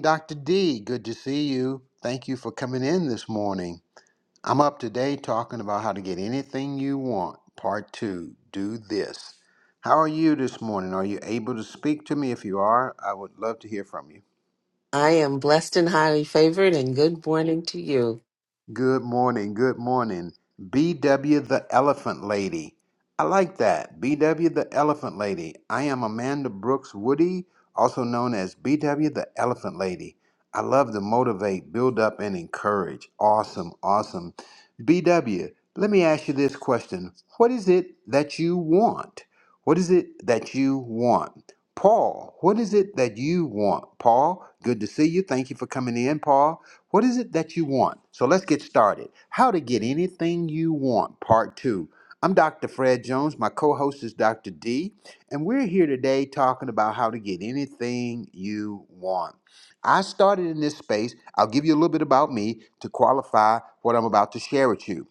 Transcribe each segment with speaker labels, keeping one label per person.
Speaker 1: Dr. D, good to see you. Thank you for coming in this morning. I'm up today talking about how to get anything you want. Part two, do this. How are you this morning? Are you able to speak to me? If you are, I would love to hear from you.
Speaker 2: I am blessed and highly favored, and good morning to you.
Speaker 1: Good morning. Good morning. BW the Elephant Lady. I like that. BW the Elephant Lady. I am Amanda Brooks Woody, also known as BW the Elephant Lady. I love to motivate, build up, and encourage. Awesome. Awesome. BW, let me ask you this question What is it that you want? What is it that you want? Paul, what is it that you want? Paul, good to see you. Thank you for coming in, Paul. What is it that you want? So let's get started. How to get anything you want, part two. I'm Dr. Fred Jones. My co host is Dr. D, and we're here today talking about how to get anything you want. I started in this space. I'll give you a little bit about me to qualify what I'm about to share with you.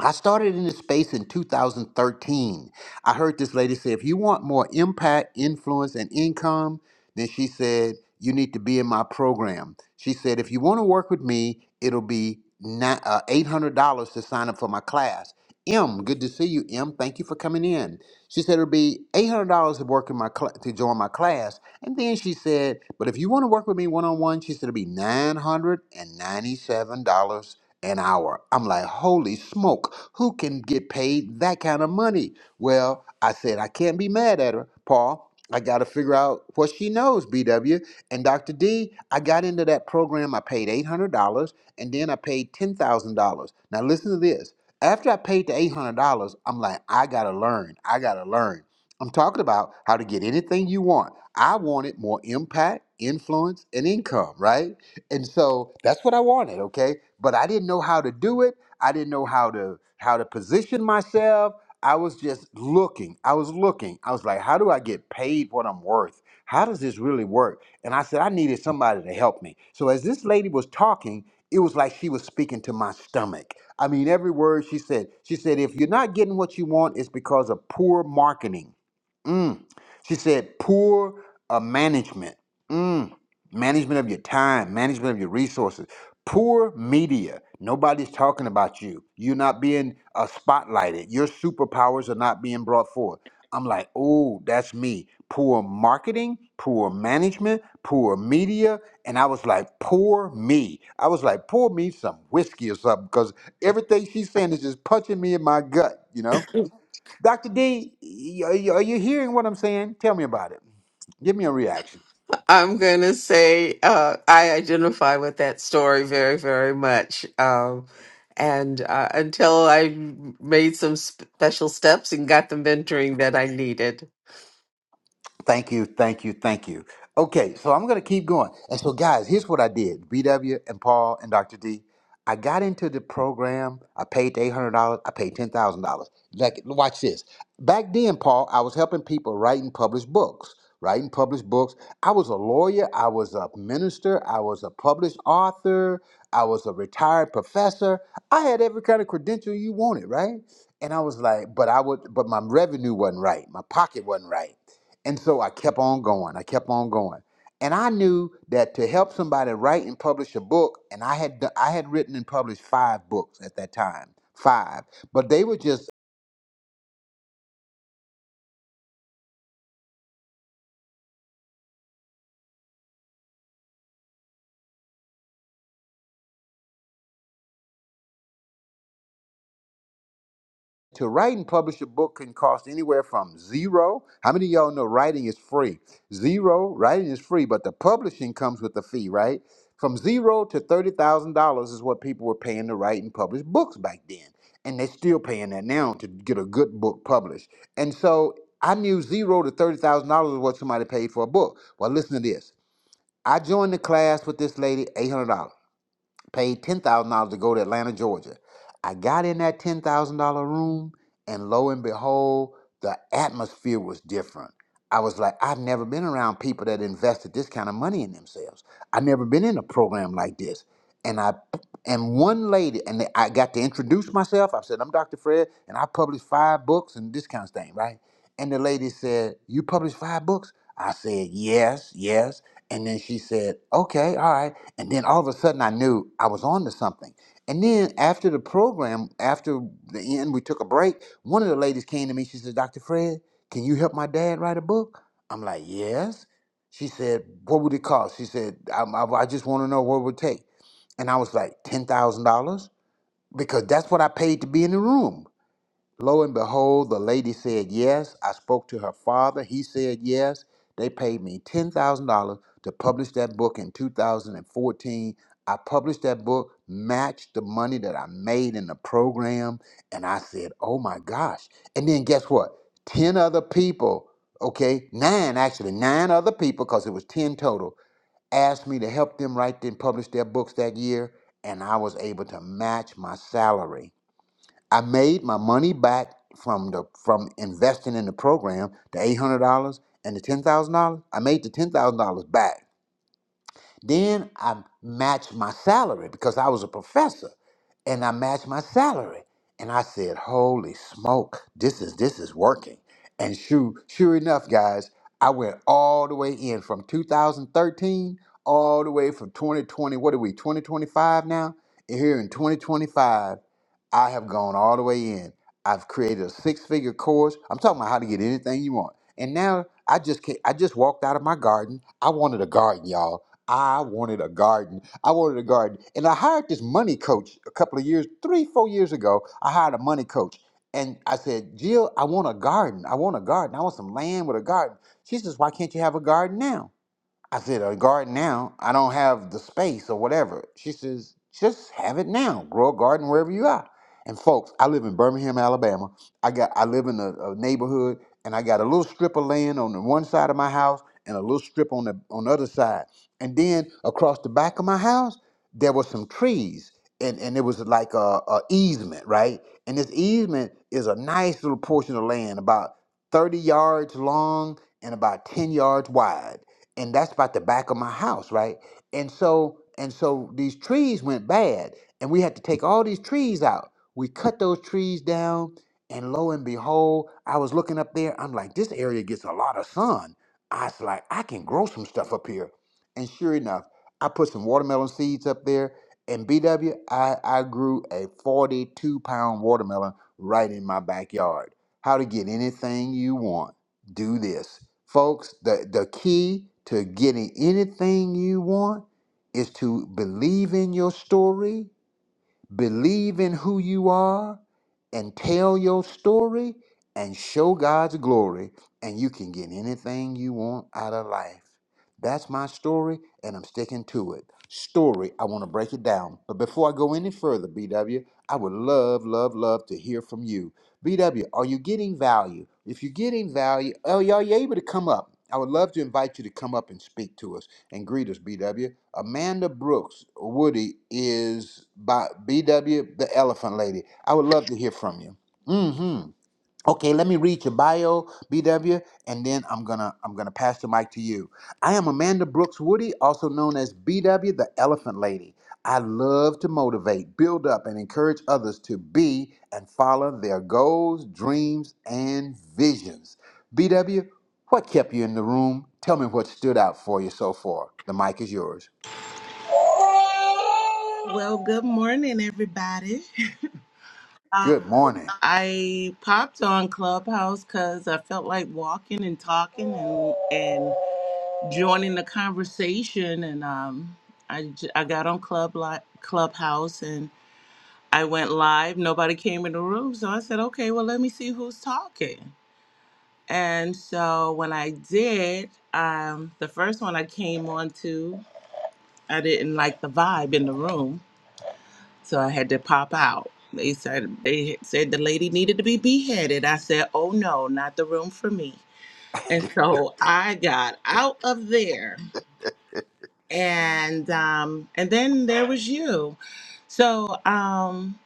Speaker 1: I started in this space in 2013. I heard this lady say, if you want more impact, influence, and income, then she said, you need to be in my program. She said, if you want to work with me, it'll be ni- uh, $800 to sign up for my class. M, good to see you, M. Thank you for coming in. She said it'll be $800 to work in my cl- to join my class. And then she said, but if you want to work with me one-on-one, she said it'll be $997 an hour. I'm like, holy smoke, who can get paid that kind of money? Well, I said, I can't be mad at her, Paul. I got to figure out what she knows, BW. And Dr. D, I got into that program. I paid $800 and then I paid $10,000. Now, listen to this. After I paid the $800, I'm like, I got to learn. I got to learn. I'm talking about how to get anything you want. I wanted more impact, influence, and income, right? and so that's what I wanted, okay? But I didn't know how to do it. I didn't know how to how to position myself. I was just looking. I was looking. I was like, how do I get paid what I'm worth? How does this really work? And I said I needed somebody to help me. So as this lady was talking, it was like she was speaking to my stomach. I mean, every word she said. She said if you're not getting what you want, it's because of poor marketing. Mm. She said poor uh, management. Mm management of your time, management of your resources. Poor media. Nobody's talking about you. You're not being uh, spotlighted. Your superpowers are not being brought forth. I'm like, oh, that's me. Poor marketing, poor management, poor media. And I was like, poor me. I was like, pour me some whiskey or something because everything she's saying is just punching me in my gut, you know? Dr. D, y- y- are you hearing what I'm saying? Tell me about it. Give me a reaction.
Speaker 2: I'm going to say uh, I identify with that story very, very much. Um, and uh, until I made some special steps and got the mentoring that I needed.
Speaker 1: Thank you, thank you, thank you. Okay, so I'm gonna keep going. And so, guys, here's what I did: BW and Paul and Dr. D. I got into the program. I paid the eight hundred dollars. I paid ten thousand dollars. Like, watch this. Back then, Paul, I was helping people write and publish books. Write and publish books. I was a lawyer. I was a minister. I was a published author. I was a retired professor. I had every kind of credential you wanted, right? And I was like, but I would, but my revenue wasn't right. My pocket wasn't right. And so I kept on going. I kept on going. And I knew that to help somebody write and publish a book, and I had done, I had written and published five books at that time, five. But they were just to write and publish a book can cost anywhere from zero. How many of y'all know writing is free? Zero, writing is free, but the publishing comes with a fee, right? From zero to thirty thousand dollars is what people were paying to write and publish books back then, and they're still paying that now to get a good book published. And so I knew zero to thirty thousand dollars is what somebody paid for a book. Well, listen to this. I joined the class with this lady, eight hundred dollars paid ten thousand dollars to go to Atlanta, Georgia. I got in that ten thousand dollar room, and lo and behold, the atmosphere was different. I was like, I've never been around people that invested this kind of money in themselves. I've never been in a program like this. And I and one lady, and I got to introduce myself. I said, I'm Dr. Fred, and I published five books and this kind of thing, right? And the lady said, You published five books? I said, yes, yes. And then she said, okay, all right. And then all of a sudden I knew I was on to something. And then after the program, after the end, we took a break. One of the ladies came to me. She said, Dr. Fred, can you help my dad write a book? I'm like, yes. She said, what would it cost? She said, I, I, I just want to know what it would take. And I was like, $10,000? Because that's what I paid to be in the room. Lo and behold, the lady said yes. I spoke to her father. He said yes. They paid me $10,000 to publish that book in 2014. I published that book, matched the money that I made in the program, and I said, oh my gosh. And then guess what? 10 other people, okay, nine actually, nine other people, because it was 10 total, asked me to help them write and publish their books that year, and I was able to match my salary I made my money back from the from investing in the program, the eight hundred dollars and the ten thousand dollars. I made the ten thousand dollars back. Then I matched my salary because I was a professor and I matched my salary. And I said, holy smoke, this is this is working. And sure, sure enough, guys, I went all the way in from 2013 all the way from 2020. What are we, 2025 now? And here in 2025, I have gone all the way in. I've created a six-figure course. I'm talking about how to get anything you want. And now I just can't, I just walked out of my garden. I wanted a garden, y'all. I wanted a garden. I wanted a garden. And I hired this money coach a couple of years, three, four years ago. I hired a money coach. And I said, Jill, I want a garden. I want a garden. I want some land with a garden. She says, Why can't you have a garden now? I said, a garden now. I don't have the space or whatever. She says, just have it now. Grow a garden wherever you are. And folks, I live in Birmingham, Alabama. I got I live in a, a neighborhood and I got a little strip of land on the one side of my house and a little strip on the on the other side. And then across the back of my house, there were some trees. And and it was like a, a easement, right? And this easement is a nice little portion of land, about 30 yards long and about 10 yards wide and that's about the back of my house, right? And so and so these trees went bad, and we had to take all these trees out. We cut those trees down, and lo and behold, I was looking up there. I'm like, this area gets a lot of sun. I was like, I can grow some stuff up here. And sure enough, I put some watermelon seeds up there. And BW, I, I grew a 42 pound watermelon right in my backyard. How to get anything you want do this. Folks, the, the key to getting anything you want is to believe in your story, believe in who you are, and tell your story and show God's glory, and you can get anything you want out of life. That's my story, and I'm sticking to it. Story, I want to break it down. But before I go any further, BW, I would love, love, love to hear from you BW, are you getting value? If you're getting value, oh, y'all, you able to come up? I would love to invite you to come up and speak to us and greet us, BW. Amanda Brooks Woody is by BW, the Elephant Lady. I would love to hear from you. Mm hmm. Okay, let me read your bio, BW, and then I'm gonna I'm gonna pass the mic to you. I am Amanda Brooks Woody, also known as BW, the Elephant Lady. I love to motivate, build up, and encourage others to be and follow their goals, dreams, and visions. BW, what kept you in the room? Tell me what stood out for you so far. The mic is yours.
Speaker 3: Well, good morning, everybody.
Speaker 1: Good
Speaker 3: Um,
Speaker 1: morning.
Speaker 3: I popped on Clubhouse because I felt like walking and talking and and joining the conversation, and um, I j- I got on Club li- Clubhouse and I went live. Nobody came in the room, so I said, okay, well, let me see who's talking. And so when I did, um, the first one I came on to, I didn't like the vibe in the room. So I had to pop out. They said they said the lady needed to be beheaded. I said, "Oh no, not the room for me." And so I got out of there, and um, and then there was you. So um,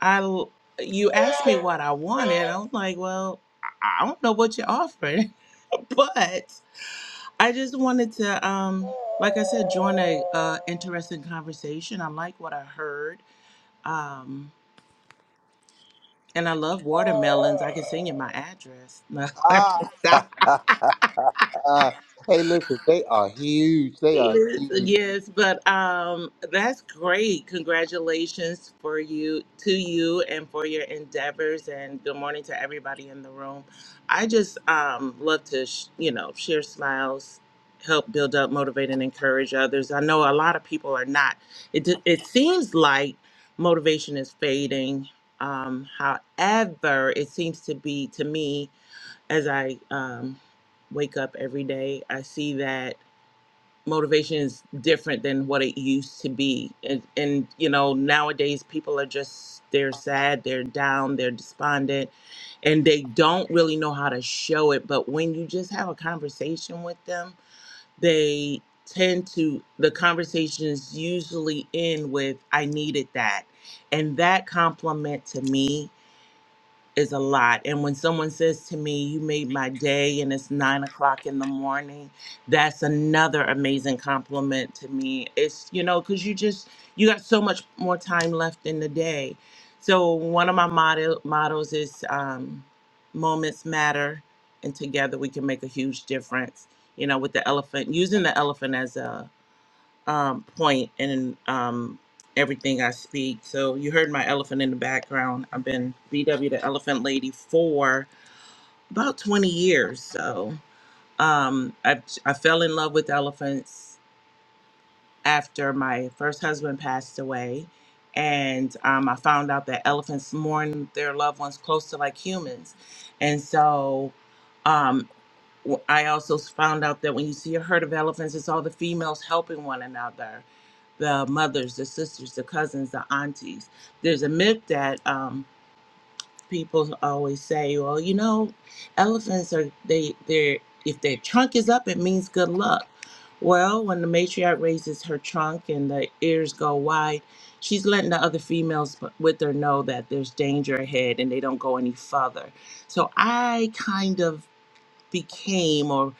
Speaker 3: I l- you asked me what I wanted. I was like, "Well, I I don't know what you're offering, but I just wanted to um, like I said, join a uh, interesting conversation. I like what I heard." Um, And I love watermelons. I can sing you my address. No, I'm
Speaker 1: Ah, hey, listen, they are huge. They are
Speaker 3: sorry.
Speaker 1: huge.
Speaker 3: yes, but um, that's great. Congratulations for you to you and for your endeavors. And good morning to everybody in the room. I just um, love to sh- you know share smiles, help build up, motivate, and encourage others. I know a lot of people are not. It d- it seems like motivation is fading. Um, however, it seems to be to me as I um, wake up every day, I see that motivation is different than what it used to be. And, and you know, nowadays people are just, they're sad, they're down, they're despondent, and they don't really know how to show it. But when you just have a conversation with them, they tend to, the conversations usually end with, I needed that. And that compliment to me is a lot. And when someone says to me, You made my day, and it's nine o'clock in the morning, that's another amazing compliment to me. It's, you know, because you just, you got so much more time left in the day. So one of my motto, mottos is um, moments matter, and together we can make a huge difference, you know, with the elephant, using the elephant as a um, point in um, everything I speak. So you heard my elephant in the background. I've been VW the Elephant Lady for about 20 years. So um, I, I fell in love with elephants after my first husband passed away. And um, I found out that elephants mourn their loved ones close to like humans. And so um, w- I also found out that when you see a herd of elephants, it's all the females helping one another the mothers, the sisters, the cousins, the aunties. There's a myth that um, people always say, well, you know, elephants are they they're if their trunk is up, it means good luck. Well, when the matriarch raises her trunk and the ears go wide, she's letting the other females with her know that there's danger ahead and they don't go any further. So I kind of became or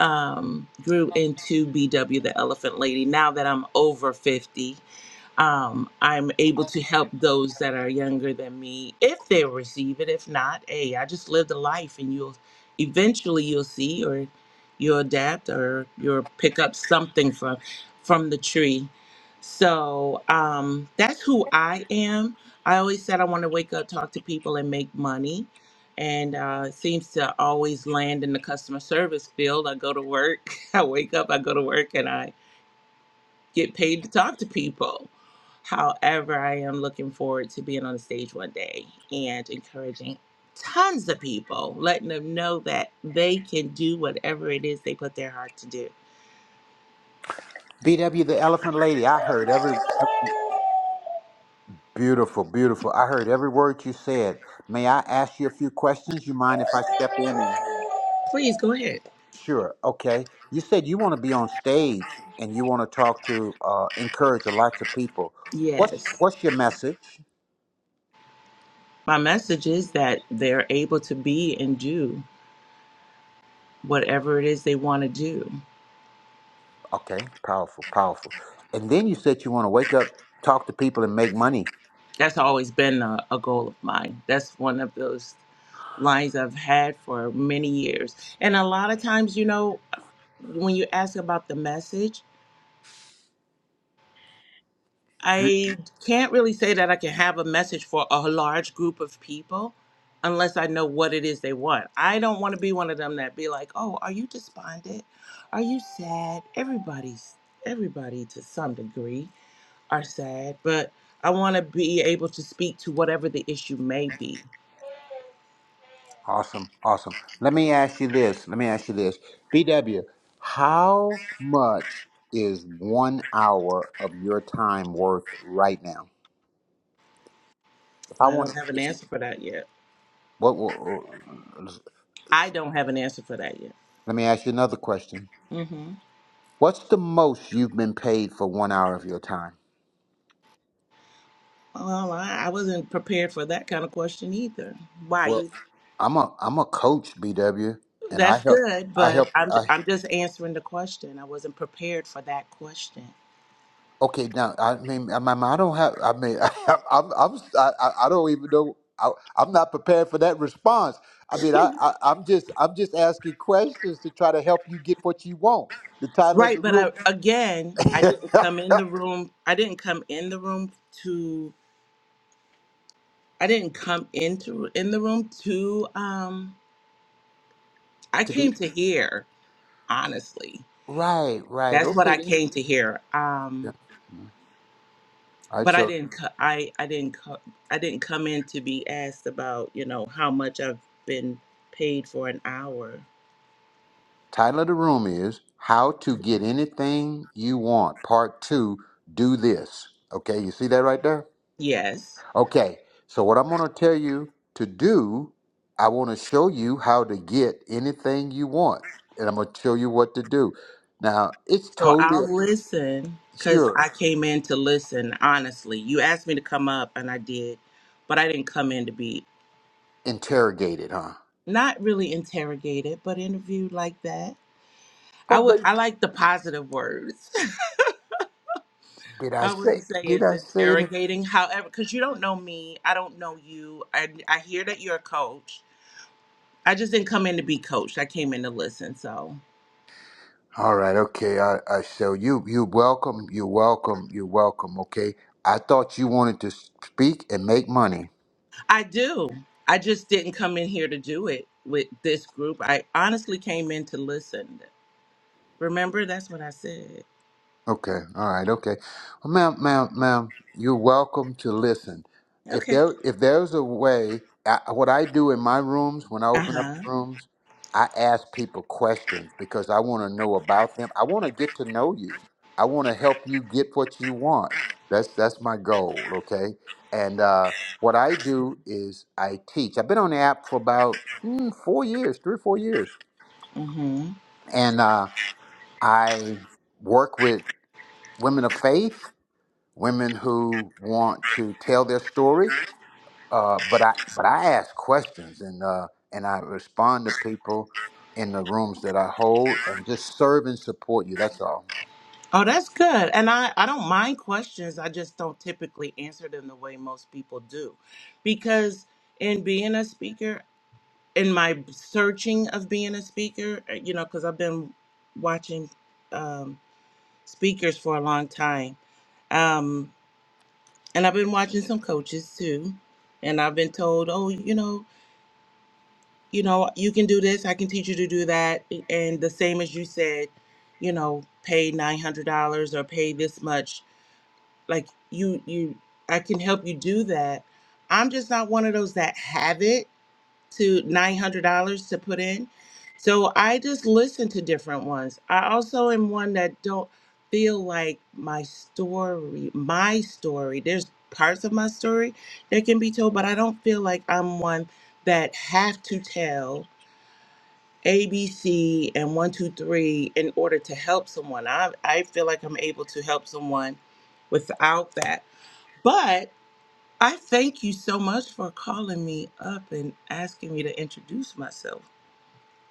Speaker 3: um, grew into BW the Elephant Lady now that I'm over 50 um, I'm able to help those that are younger than me if they receive it. If not, hey, I just lived a life, and you'll eventually you'll see or you'll adapt or you'll pick up something from from the tree. So um, that's who I am. I always said I want to wake up, talk to people, and make money. And uh, it seems to always land in the customer service field. I go to work, I wake up, I go to work, and I get paid to talk to people. However, I am looking forward to being on the stage one day and encouraging tons of people, letting them know that they can do whatever it is they put their heart to do.
Speaker 1: BW, the elephant lady, I heard every. every- Beautiful, beautiful. I heard every word you said. May I ask you a few questions? You mind if I step in and.
Speaker 3: Please go ahead.
Speaker 1: Sure, okay. You said you want to be on stage and you want to talk to, uh, encourage lots of people.
Speaker 3: Yes.
Speaker 1: What's, what's your message?
Speaker 3: My message is that they're able to be and do whatever it is they want to do.
Speaker 1: Okay, powerful, powerful. And then you said you want to wake up, talk to people, and make money.
Speaker 3: That's always been a, a goal of mine. That's one of those lines I've had for many years. And a lot of times, you know, when you ask about the message, I can't really say that I can have a message for a large group of people unless I know what it is they want. I don't want to be one of them that be like, "Oh, are you despondent? Are you sad?" Everybody's everybody to some degree are sad, but I want to be able to speak to whatever the issue may be.
Speaker 1: Awesome, awesome. Let me ask you this. Let me ask you this. BW, how much is one hour of your time worth right now? If I
Speaker 3: I don't
Speaker 1: wanted,
Speaker 3: have an
Speaker 1: if,
Speaker 3: answer for that yet.
Speaker 1: what, what,
Speaker 3: I don't have an answer for that yet.
Speaker 1: let me ask you another question.
Speaker 3: Mm-hmm.
Speaker 1: What's the most you've been paid for one hour of your time?
Speaker 3: Um, I, I wasn't prepared for that kind of question either. Why
Speaker 1: Well,
Speaker 3: you?
Speaker 1: I'm a I'm a coach, BW, and I
Speaker 3: That's
Speaker 1: help
Speaker 3: good,
Speaker 1: I
Speaker 3: but
Speaker 1: help
Speaker 3: I'm
Speaker 1: I
Speaker 3: I'm just answering the question. I wasn't prepared for that question.
Speaker 1: Okay, now I mean, I, mean, I don't have. I mean, I, I'm, I'm, I, I I don't even know. I, I'm not prepared for that response. I mean, I, I, I'm just, I'm just asking questions to try to help you get what you want. The title of
Speaker 3: Right,
Speaker 1: the
Speaker 3: but
Speaker 1: room,
Speaker 3: I, again, I
Speaker 1: to
Speaker 3: didn't come in the room. I didn't come in the room to. I didn't come into in the room to. Um, I
Speaker 1: be
Speaker 3: came to hear. Honestly,
Speaker 1: right, right.
Speaker 3: that's what
Speaker 1: Okay,
Speaker 3: I
Speaker 1: then.
Speaker 3: came to hear. Um,
Speaker 1: Yeah. All right.
Speaker 3: but I
Speaker 1: So,
Speaker 3: didn't co- I I didn't co- I didn't come in to be asked about you know how much I've been paid for an hour.
Speaker 1: title of the room is "How to Get Anything You Want." Part two. Do this. Okay, you see that right there.
Speaker 3: Yes,
Speaker 1: Okay, so what I'm going to tell you to do, I want to show you how to get anything you want, and I'm going to show you what to do. Now, it's
Speaker 3: so
Speaker 1: totally
Speaker 3: I'll listen because
Speaker 1: sure
Speaker 3: I came in to listen. Honestly, you asked me to come up and I did, but I didn't come in to be
Speaker 1: interrogated, huh?
Speaker 3: not really interrogated, but interviewed like that. I
Speaker 1: But
Speaker 3: would
Speaker 1: but
Speaker 3: I like the positive words.
Speaker 1: did I
Speaker 3: I
Speaker 1: say
Speaker 3: wouldn't say
Speaker 1: did
Speaker 3: it's
Speaker 1: I say it?
Speaker 3: interrogating, however, because you don't know me, I don't know you. I I hear that you're a coach, I just didn't come in to be coached. I came in to listen. So
Speaker 1: All right, okay. I I so you you welcome, you're welcome, you're welcome. Okay, I thought you wanted to speak and make money.
Speaker 3: I do. I just didn't come in here to do it with this group. I honestly came in to listen. Remember, that's what I said.
Speaker 1: Okay, all right, okay. Well, ma'am, ma'am, ma'am, you're welcome to listen. If
Speaker 3: Okay.
Speaker 1: there, if there's a way, I, what I do in my rooms when I
Speaker 3: Uh
Speaker 1: open up
Speaker 3: huh.
Speaker 1: rooms, I ask people questions because I want to know about them. I want to get to know you. I want to help you get what you want. That's that's my goal. Okay, and uh, what I do is I teach. I've been on the app for about mm, four years, three or four years,
Speaker 3: Mm-hmm.
Speaker 1: and uh, I work with women of faith women who want to tell their story. Uh, but I but I ask questions and uh, and I respond to people in the rooms that I hold and just serve and support you. That's all,
Speaker 3: Oh, that's good. And I, I don't mind questions. I just don't typically answer them the way most people do. Because in being a speaker, in my searching of being a speaker, eh, you know, because I've been watching um, speakers for a long time. Um, and I've been watching some coaches too, and I've been told, oh, you know, you know, you can do this. I can teach you to do that, and the same as you said, you know, pay nine hundred dollars or pay this much. Like you, you, I can help you do that. I'm just not one of those that have it to $900 to put in. So I just listen to different ones. I also am one that don't feel like my story, my story, there's parts of my story that can be told, but I don't feel like I'm one that have to tell A, B, C, and one, two, three in order to help someone. I, I feel like I'm able to help someone without that. But I thank you so much for calling me up and asking me to introduce myself.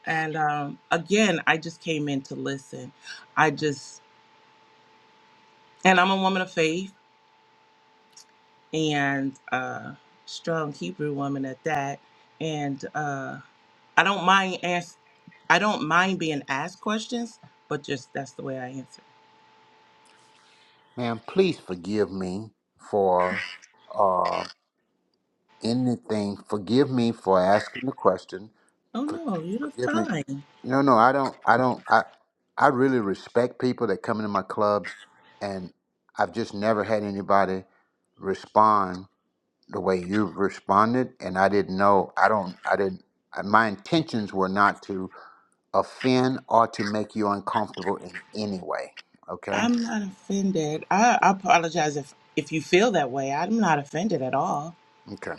Speaker 3: And um, again, I just came in to listen. I just, and I'm a woman of faith and a strong Hebrew woman at that. And uh, I don't mind ask, I don't mind being asked questions, but just that's the way I answer.
Speaker 1: man. Please forgive me for uh, anything. Forgive me for asking the question.
Speaker 3: Oh
Speaker 1: For,
Speaker 3: no, you're
Speaker 1: forgive me.
Speaker 3: fine.
Speaker 1: No, no, I don't. I don't. I I really respect people that come into my clubs, and I've just never had anybody respond the way you've responded, and I didn't know. I don't. I didn't. I- My intentions were not to offend or to make you uncomfortable in any way. Okay.
Speaker 3: I'm not offended. I, I apologize if if you feel that way. I'm not offended at all.
Speaker 1: Okay.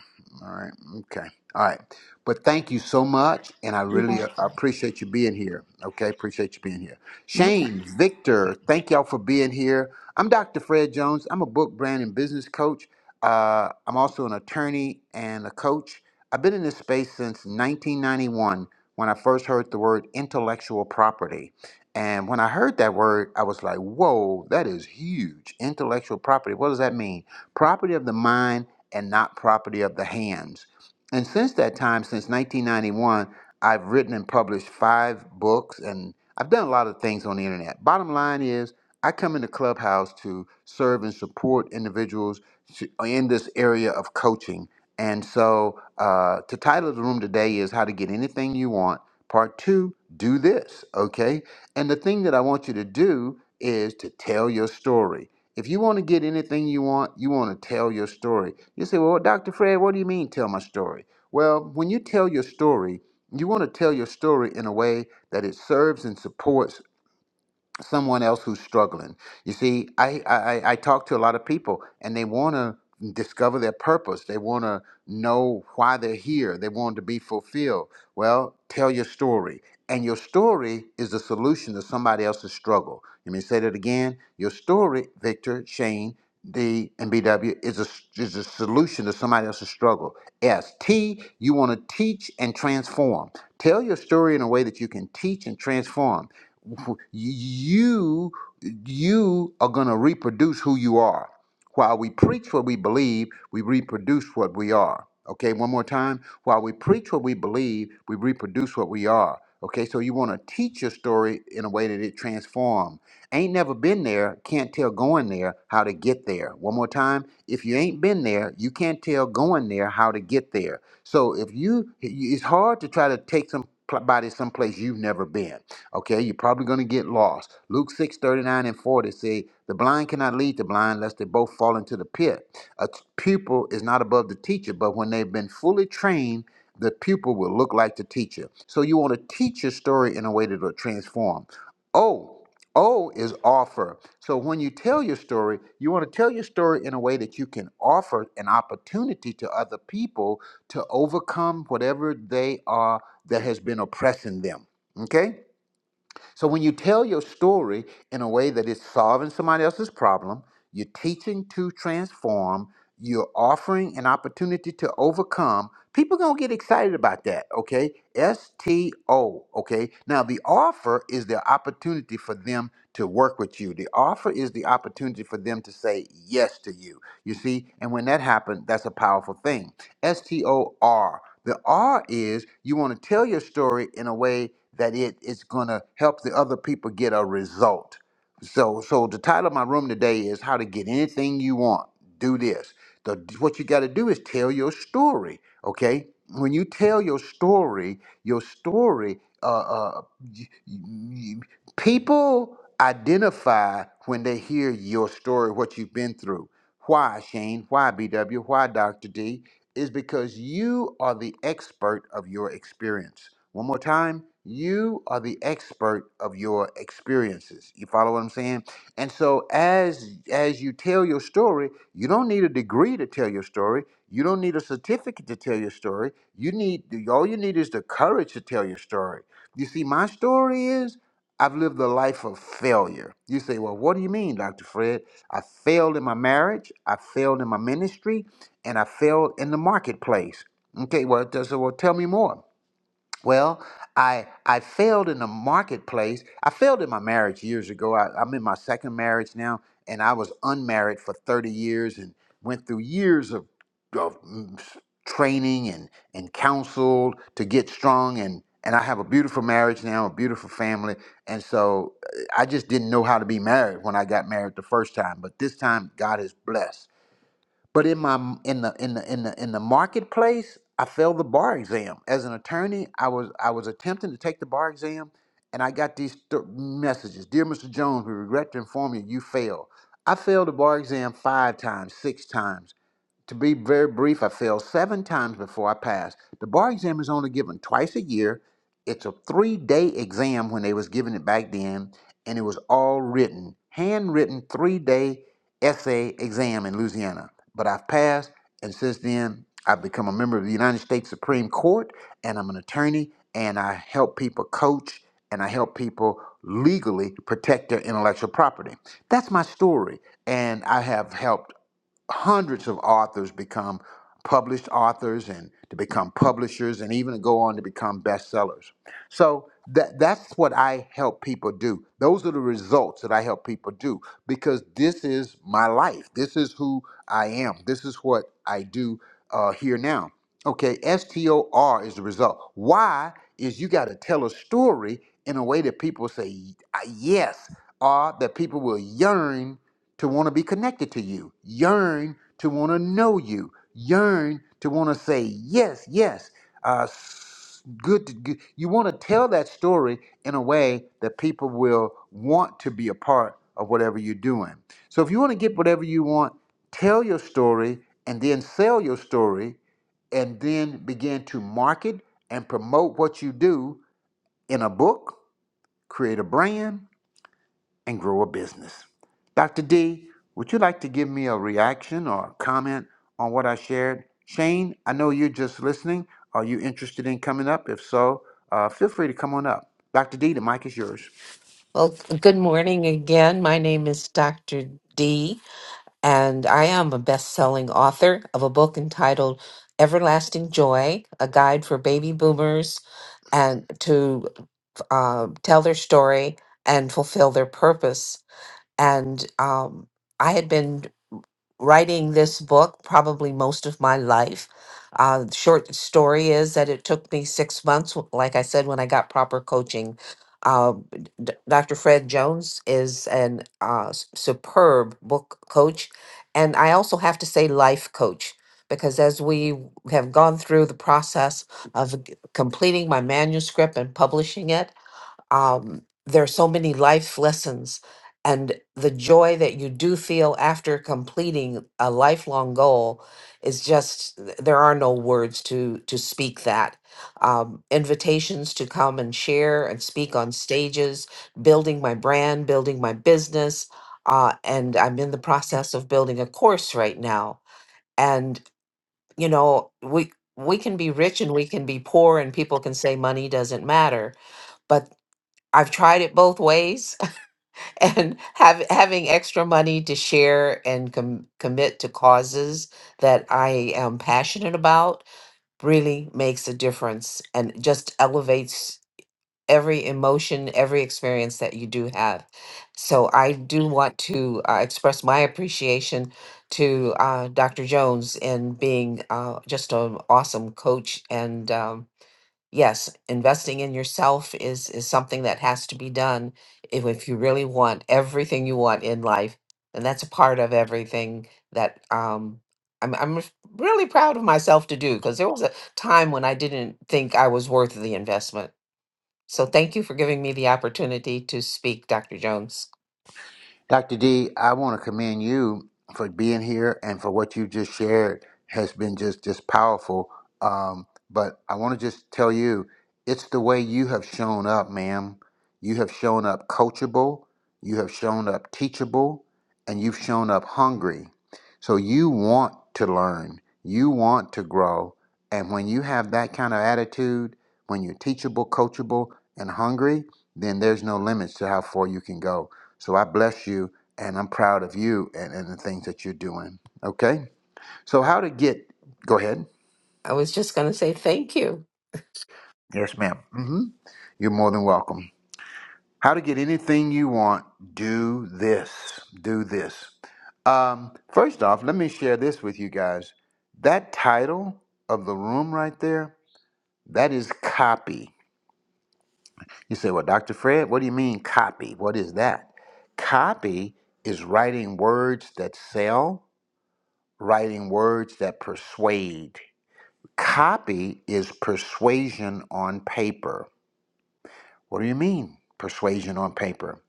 Speaker 1: All right. Okay. All right. But thank you so much. And I
Speaker 3: You're
Speaker 1: really uh,
Speaker 3: welcome.
Speaker 1: appreciate you being here. Okay. Appreciate you being here.
Speaker 3: No problem.
Speaker 1: Shane, Victor, thank y'all for being here. I'm Dr. Fred Jones. I'm a book, brand, and business coach. Uh, I'm also an attorney and a coach. I've been in this space since 1991 when I first heard the word intellectual property. And when I heard that word, I was like, whoa, that is huge. Intellectual property. What does that mean? Property of the mind and not property of the hands. And since that time, since 1991, I've written and published five books, and I've done a lot of things on the internet. Bottom line is, I come into Clubhouse to serve and support individuals to- in this area of coaching. And so, uh, the title of the room today is How to Get Anything You Want. Part two, do this, okay? And the thing that I want you to do is to tell your story. If you want to get anything you want, you want to tell your story. You say, Well, Dr. Fred, what do you mean tell my story? Well, when you tell your story, you want to tell your story in a way that it serves and supports someone else who's struggling. You see, I, I, I I talk to a lot of people and they want to discover their purpose. They want to know why they're here. They want to be fulfilled. Well, tell your story. And your story is the solution to somebody else's struggle. Let me say that again. Your story, Victor, Shane, D, and BW, is a, is a solution to somebody else's struggle. S, T, you want to teach and transform. Tell your story in a way that you can teach and transform you you are going to reproduce who you are while we preach what we believe we reproduce what we are okay one more time while we preach what we believe we reproduce what we are okay so you want to teach your story in a way that it transforms ain't never been there can't tell going there how to get there one more time if you ain't been there you can't tell going there how to get there so if you it's hard to try to take somebody someplace you've never been Okay, you're probably going to get lost. Luke 6 39 and 40 say, The blind cannot lead the blind lest they both fall into the pit. A t- pupil is not above the teacher, but when they've been fully trained, the pupil will look like the teacher. So you want to teach your story in a way that will transform. Oh, O is offer. So when you tell your story, you want to tell your story in a way that you can offer an opportunity to other people to overcome whatever they are that has been oppressing them. Okay? So when you tell your story in a way that is solving somebody else's problem, you're teaching to transform, you're offering an opportunity to overcome, people going to get excited about that, okay? S T O, okay? Now the offer is the opportunity for them to work with you. The offer is the opportunity for them to say yes to you. You see, and when that happens, that's a powerful thing. S T O R. The R is you want to tell your story in a way that it is going to help the other people get a result. So, so the title of my room today is "How to Get Anything You Want." Do this. The, what you got to do is tell your story. Okay, when you tell your story, your story, uh, uh, y- y- people identify when they hear your story, what you've been through. Why, Shane? Why, BW? Why, Dr. D? is because you are the expert of your experience. One more time, you are the expert of your experiences. You follow what I'm saying? And so as as you tell your story, you don't need a degree to tell your story. You don't need a certificate to tell your story. You need all you need is the courage to tell your story. You see, my story is. I've lived a life of failure. You say, well, what do you mean, Dr. Fred? I failed in my marriage, I failed in my ministry, and I failed in the marketplace. Okay, well, does well tell me more. Well, I I failed in the marketplace. I failed in my marriage years ago. I, I'm in my second marriage now, and I was unmarried for 30 years and went through years of, of mm, s- training and and counsel to get strong and and I have a beautiful marriage now, a beautiful family, and so uh, I just didn't know how to be married when I got married the first time. But this time, God is blessed. But in my in the in the in the in the marketplace, I failed the bar exam. As an attorney, I was I was attempting to take the bar exam, and I got these th- messages: "Dear Mr. Jones, we regret to inform you you failed." I failed the bar exam five times, six times to be very brief, I failed seven times before I passed. The bar exam is only given twice a year. It's a three-day exam when they was giving it back then, and it was all written, handwritten three-day essay exam in Louisiana. But I've passed, and since then I've become a member of the United States Supreme Court, and I'm an attorney, and I help people coach, and I help people legally protect their intellectual property. That's my story, and I have helped hundreds of authors become published authors and to become publishers and even go on to become bestsellers. So that that's what I help people do. Those are the results that I help people do because this is my life. This is who I am. This is what I do uh, here now. Okay, STOR is the result. Why is you got to tell a story in a way that people say "Y- yes, or that people will yearn to want to be connected to you, yearn to want to know you, yearn to want to say, yes, yes, uh, s- good, to, good. You want to tell that story in a way that people will want to be a part of whatever you're doing. So if you want to get whatever you want, tell your story and then sell your story and then begin to market and promote what you do in a book, create a brand, and grow a business. Dr. D, would you like to give me a reaction or a comment on what I shared? Shane, I know you're just listening. Are you interested in coming up? If so, uh, feel free to come on up. Dr. D, the mic is yours.
Speaker 2: Well, good morning again. My name is Dr. D, and I am a best selling author of a book entitled Everlasting Joy A Guide for Baby Boomers and to uh, tell their story and fulfill their purpose. And um, I had been writing this book probably most of my life. Uh, the short story is that it took me six months, w- like I said, when I got proper coaching. Uh, d- Dr. Fred Jones is an uh, s- superb book coach, and I also have to say life coach because as we have gone through the process of g- completing my manuscript and publishing it, um, there are so many life lessons and the joy that you do feel after completing a lifelong goal is just th- there are no words to to speak that um, invitations to come and share and speak on stages building my brand building my business uh, and i'm in the process of building a course right now and you know we we can be rich and we can be poor and people can say money doesn't matter I've tried it both ways, and have, having extra money to share and com- commit to causes that I am passionate about really makes a difference and just elevates every emotion, every experience that you do have. So I do want to uh, express my appreciation to uh, Dr. Jones in being uh, just an awesome coach and um, yes, investing in yourself is is something that has to be done if, if you really want everything you want in life, and that's a part of everything that um I'm I'm r- really proud of myself to do because there was a time when I didn't think I was worth the investment. So thank you for giving me the opportunity to speak, Dr. Jones.
Speaker 1: Dr. D, I want to commend you for being here and for what you just shared has been just just powerful. Um, but I want to just tell you, it's the way you have shown up, ma'am. You have shown up coachable, you have shown up teachable, and you've shown up hungry. So you want to learn, you want to grow, and when you have that kind of attitude, when you're teachable, coachable, and hungry, then there's no limits to how far you can go. So I bless you and I'm proud of you and, and the things that you're doing. Okay? So, how to get, go ahead.
Speaker 2: I was just going to say thank you.
Speaker 1: Yes, madam Mm-hmm. You're more than welcome. How to get anything you want, do this. Do this. Um, first off, let me share this with you guys. That title of the room right there, that is copy. You say, well, Dr. Fred, what do you mean copy? What is that? Copy is writing words that sell writing words that persuade. Copy is persuasion on paper. What do you mean, persuasion on paper?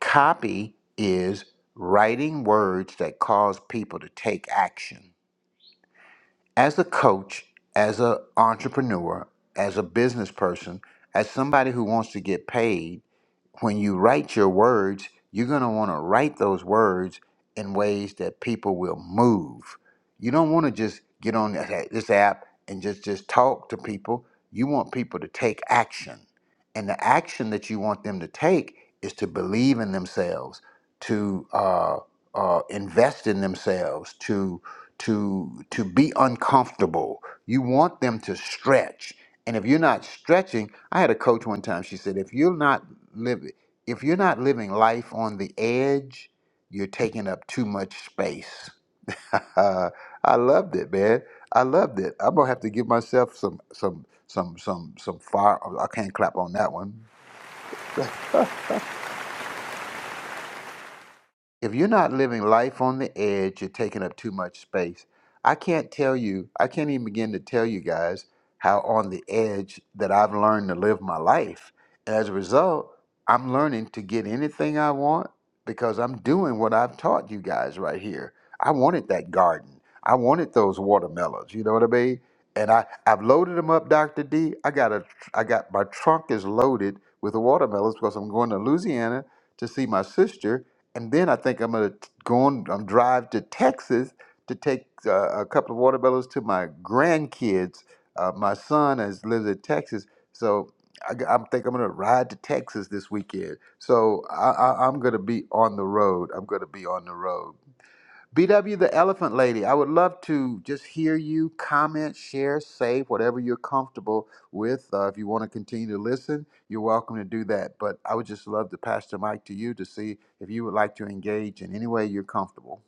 Speaker 1: Copy is writing words that cause people to take action. As a coach, as an entrepreneur, as a business person, as somebody who wants to get paid, when you write your words, you're going to want to write those words in ways that people will move. You don't want to just get on this this app and just just talk to people. You want people to take action. And the action that you want them to take is to believe in themselves, to uh, uh, invest in themselves to to to be uncomfortable. You want them to stretch, and if you're not stretching, I had a coach one time. She said, if you're not living if you're not living life on the edge, you're taking up too much space. I loved it, man. I loved it. I'm gonna have to give myself some some some some some fire. I can't clap on that one. if you're not living life on the edge, you're taking up too much space. I can't tell you, I can't even begin to tell you guys how on the edge that I've learned to live my life. And as a result, I'm learning to get anything I want because I'm doing what I've taught you guys right here. I wanted that garden. I wanted those watermelons. You know what I mean? And I, I've loaded them up, Dr. D. I got a, I got my trunk is loaded with the watermelons because I'm going to Louisiana to see my sister and then I think I'm gonna go on. I'm drive to Texas to take uh, a couple of watermelons to my grandkids. Uh, my son has lives in Texas, so I, g- I think I'm gonna ride to Texas this weekend. So I, I, I'm gonna be on the road. I'm gonna be on the road. BW the Elephant Lady, I would love to just hear you comment, share, save, whatever you're comfortable with. Uh, if you want to continue to listen, you're welcome to do that. But I would just love to pass the mic to you to see if you would like to engage in any way you're comfortable.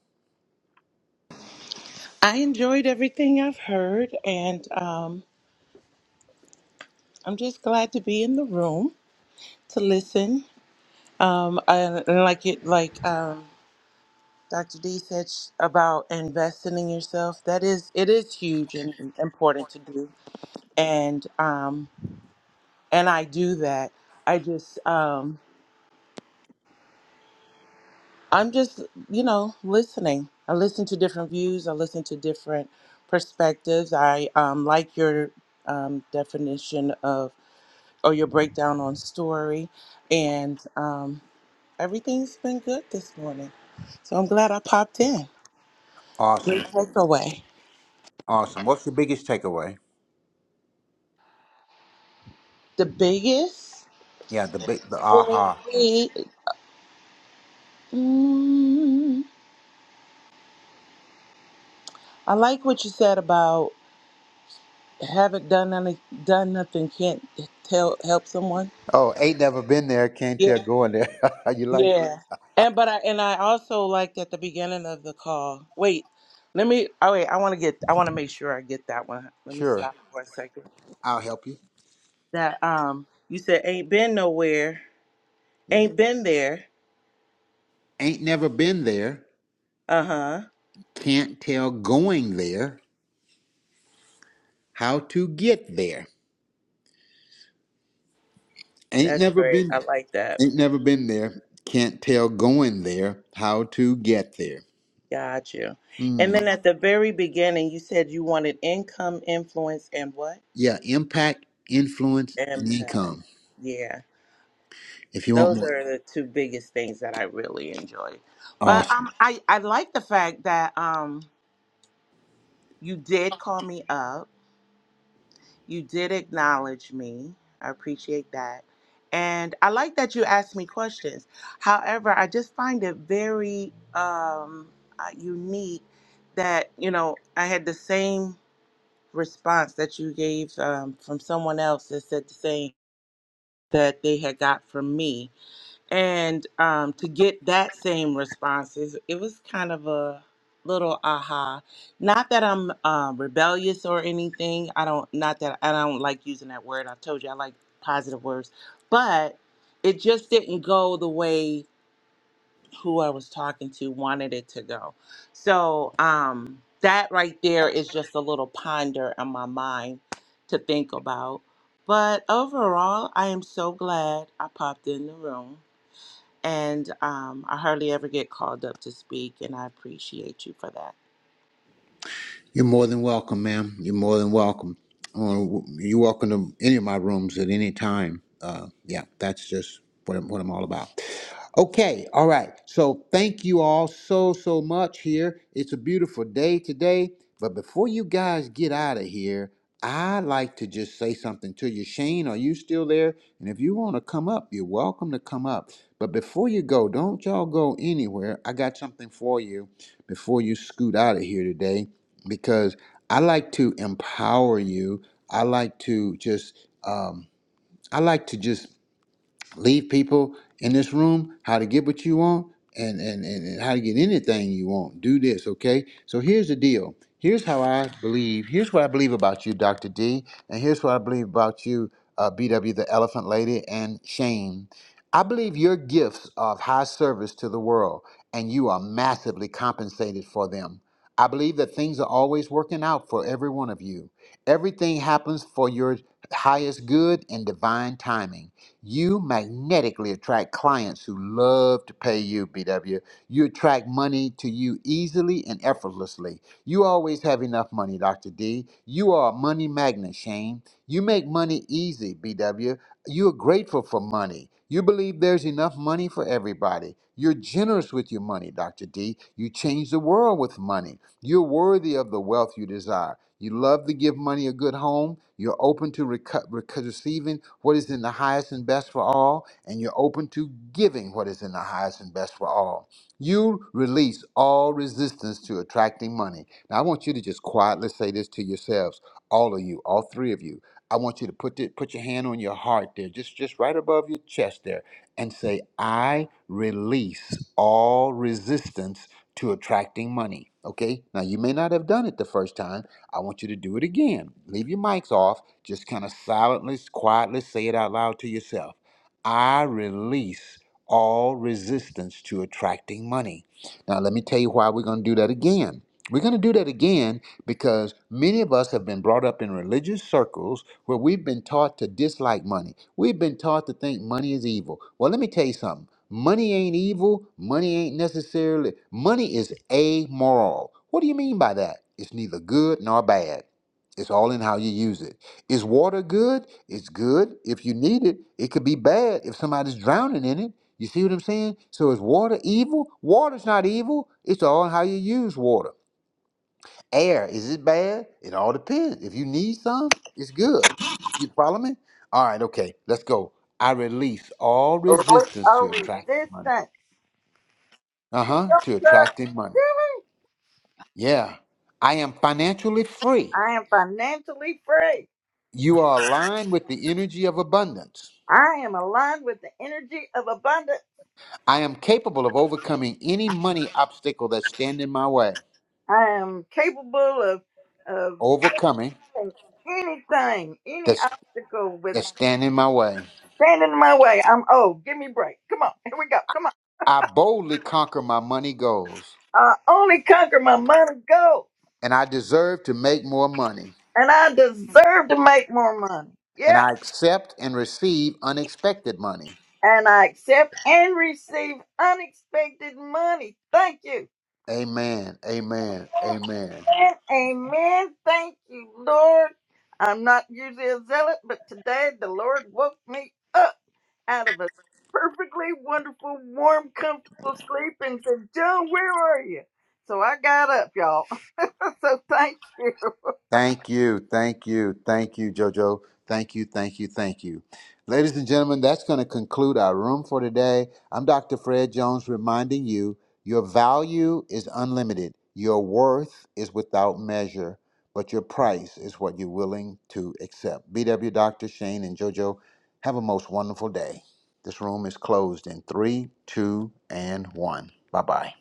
Speaker 3: I enjoyed everything I've heard, and um, I'm just glad to be in the room. to listen. Um, and and like it, like um, Dr. D said sh- about investing in yourself. That is, it is huge and important to do. And um, and I do that. I just, um, I'm just, you know, listening. I listen to different views. I listen to different perspectives. I um, like your um, definition of or your breakdown on story, and um, Everything's been good this morning. So I'm glad I popped in. Great
Speaker 1: Awesome.
Speaker 3: takeaway.
Speaker 1: Awesome. What's the biggest takeaway?
Speaker 3: The biggest
Speaker 1: Yeah, the big, the
Speaker 3: would
Speaker 1: aha.
Speaker 3: be mm, I like what you said about haven't done any, done nothing can't tell help someone.
Speaker 1: Oh, ain't never been there. Can't
Speaker 3: Yeah,
Speaker 1: tell going there. you like?
Speaker 3: yeah. And but I and I also liked at the beginning of the call. Wait, let me. Oh wait, I want to get. I want to make sure I get that one. Let me
Speaker 1: Sure.
Speaker 3: stop for a second.
Speaker 1: I'll help you.
Speaker 3: That um, you said ain't been nowhere,
Speaker 1: Yeah.
Speaker 3: ain't been there.
Speaker 1: Ain't never been there.
Speaker 3: Uh huh.
Speaker 1: Can't tell going there how to get there. Ain't
Speaker 3: That's
Speaker 1: never
Speaker 3: great. I
Speaker 1: been
Speaker 3: like that.
Speaker 1: ain't never been there. Can't tell going there how to get there.
Speaker 3: Got you. And
Speaker 1: Hmm.
Speaker 3: then at the very beginning, you said you wanted income, influence, and what?
Speaker 1: Yeah, impact, influence, and
Speaker 3: Impact.
Speaker 1: income.
Speaker 3: Yeah.
Speaker 1: If you want
Speaker 3: Those
Speaker 1: more.
Speaker 3: are the two biggest things that I really enjoy.
Speaker 1: awesome.
Speaker 3: But um, I, I like the fact that um, you did call me up. You did acknowledge me. I appreciate that. And I like that you asked me questions. However, I just find it very um, uh, unique that, you know, I had the same response that you gave um, from someone else that said the same that they had got from me. And um, to get that same response, is, it was kind of a little aha. Not that I'm uh, rebellious or anything. I don't, not that I don't like using that word. I told you I like positive words, but it just didn't go the way who I was talking to wanted it to go. So um, that right there is just a little ponder in my mind to think about. But overall, I am so glad I popped in the room. And um, I hardly ever get called up to speak, and I appreciate you for that.
Speaker 1: You're more than welcome, ma'am. You're more than welcome. Uh, you're welcome to any of my rooms at any time. Uh, yeah, that's just what I'm, what I'm all about. Okay, all right. So thank you all so, so much here. It's a beautiful day today. But before you guys get out of here, I like to just say something to you. Shane, are you still there? And if you want to come up, you're welcome to come up. But before you go, don't y'all go anywhere. I got something for you before you scoot out of here today because I like to empower you. I like to just um, I like to just leave people in this room how to get what you want and, and, and, and how to get anything you want. Do this, okay? So here's the deal. Here's how I believe. Here's what I believe about you, Dr. D. And here's what I believe about you, uh, BW, the Elephant Lady, and Shane. I believe your gifts are of high service to the world, and you are massively compensated for them. I believe that things are always working out for every one of you. Everything happens for your highest good and divine timing. You magnetically attract clients who love to pay you, BW. You attract money to you easily and effortlessly. You always have enough money, Dr. D. You are a money magnet, Shane. You make money easy, BW. You are grateful for money. You believe there's enough money for everybody. You're generous with your money, Dr. D. You change the world with money. You're worthy of the wealth you desire. You love to give money a good home. You're open to reco- reco- receiving what is in the highest and best for all, and you're open to giving what is in the highest and best for all. You release all resistance to attracting money. Now, I want you to just quietly say this to yourselves, all of you, all three of you. I want you to put the, put your hand on your heart there, just just right above your chest there, and say, "I release all resistance to attracting money." Okay. Now, you may not have done it the first time I want you to do it again. Leave your mics off. Just kind of silently, quietly say it out loud to yourself. I release all resistance to attracting money. Now, let me tell you why we're going to do that again. We're going to do that again because many of us have been brought up in religious circles where we've been taught to dislike money. We've been taught to think money is evil. Well, let me tell you something. Money ain't evil. Money ain't necessarily. Money is amoral. What do you mean by that? It's neither good nor bad. It's all in how you use it. Is water good? It's good if you need it. It could be bad if somebody's drowning in it. You see what I'm saying? So is water evil? Water's not evil. It's all in how you use water. Air, is it bad? It all depends. If you need some, it's good. You follow me? All right, okay, let's go. I release all
Speaker 4: A voice
Speaker 1: resistance
Speaker 4: of
Speaker 1: to attract money
Speaker 4: resistance.
Speaker 1: uh huh, to
Speaker 4: Really?
Speaker 1: attracting money. Yeah. I am financially free.
Speaker 4: I am financially free.
Speaker 1: You are aligned with the energy of abundance.
Speaker 4: I am aligned with the energy of abundance.
Speaker 1: I am capable of overcoming any money obstacle that's standing my way.
Speaker 4: I am capable of of
Speaker 1: Overcoming
Speaker 4: anything, any
Speaker 1: that's
Speaker 4: obstacle with
Speaker 1: that's standing my way.
Speaker 4: standing in my way. I'm old. Give me a break. Come on. Here we go. Come on.
Speaker 1: I boldly conquer my money goals,
Speaker 4: I only conquer my money goal.
Speaker 1: and I deserve to make more money.
Speaker 4: And I deserve to make more money.
Speaker 1: And
Speaker 4: Yeah.
Speaker 1: I accept and receive unexpected money.
Speaker 4: And I accept and receive unexpected money. Thank you.
Speaker 1: Amen. Amen. Amen.
Speaker 4: Amen. Amen. Thank you, Lord. I'm not usually a zealot, but today the Lord woke me up out of a perfectly wonderful, warm, comfortable sleep and said, John, where are you? So I got up, y'all. So thank you.
Speaker 1: Thank you, thank you, thank you, Jojo. Thank you, thank you, thank you. Ladies and gentlemen, that's going to conclude our room for today. I'm Dr. Fred Jones reminding you your value is unlimited, your worth is without measure, but your price is what you're willing to accept. BW Dr. Shane and Jojo, have a most wonderful day. This room is closed in three, two, and one. Bye bye.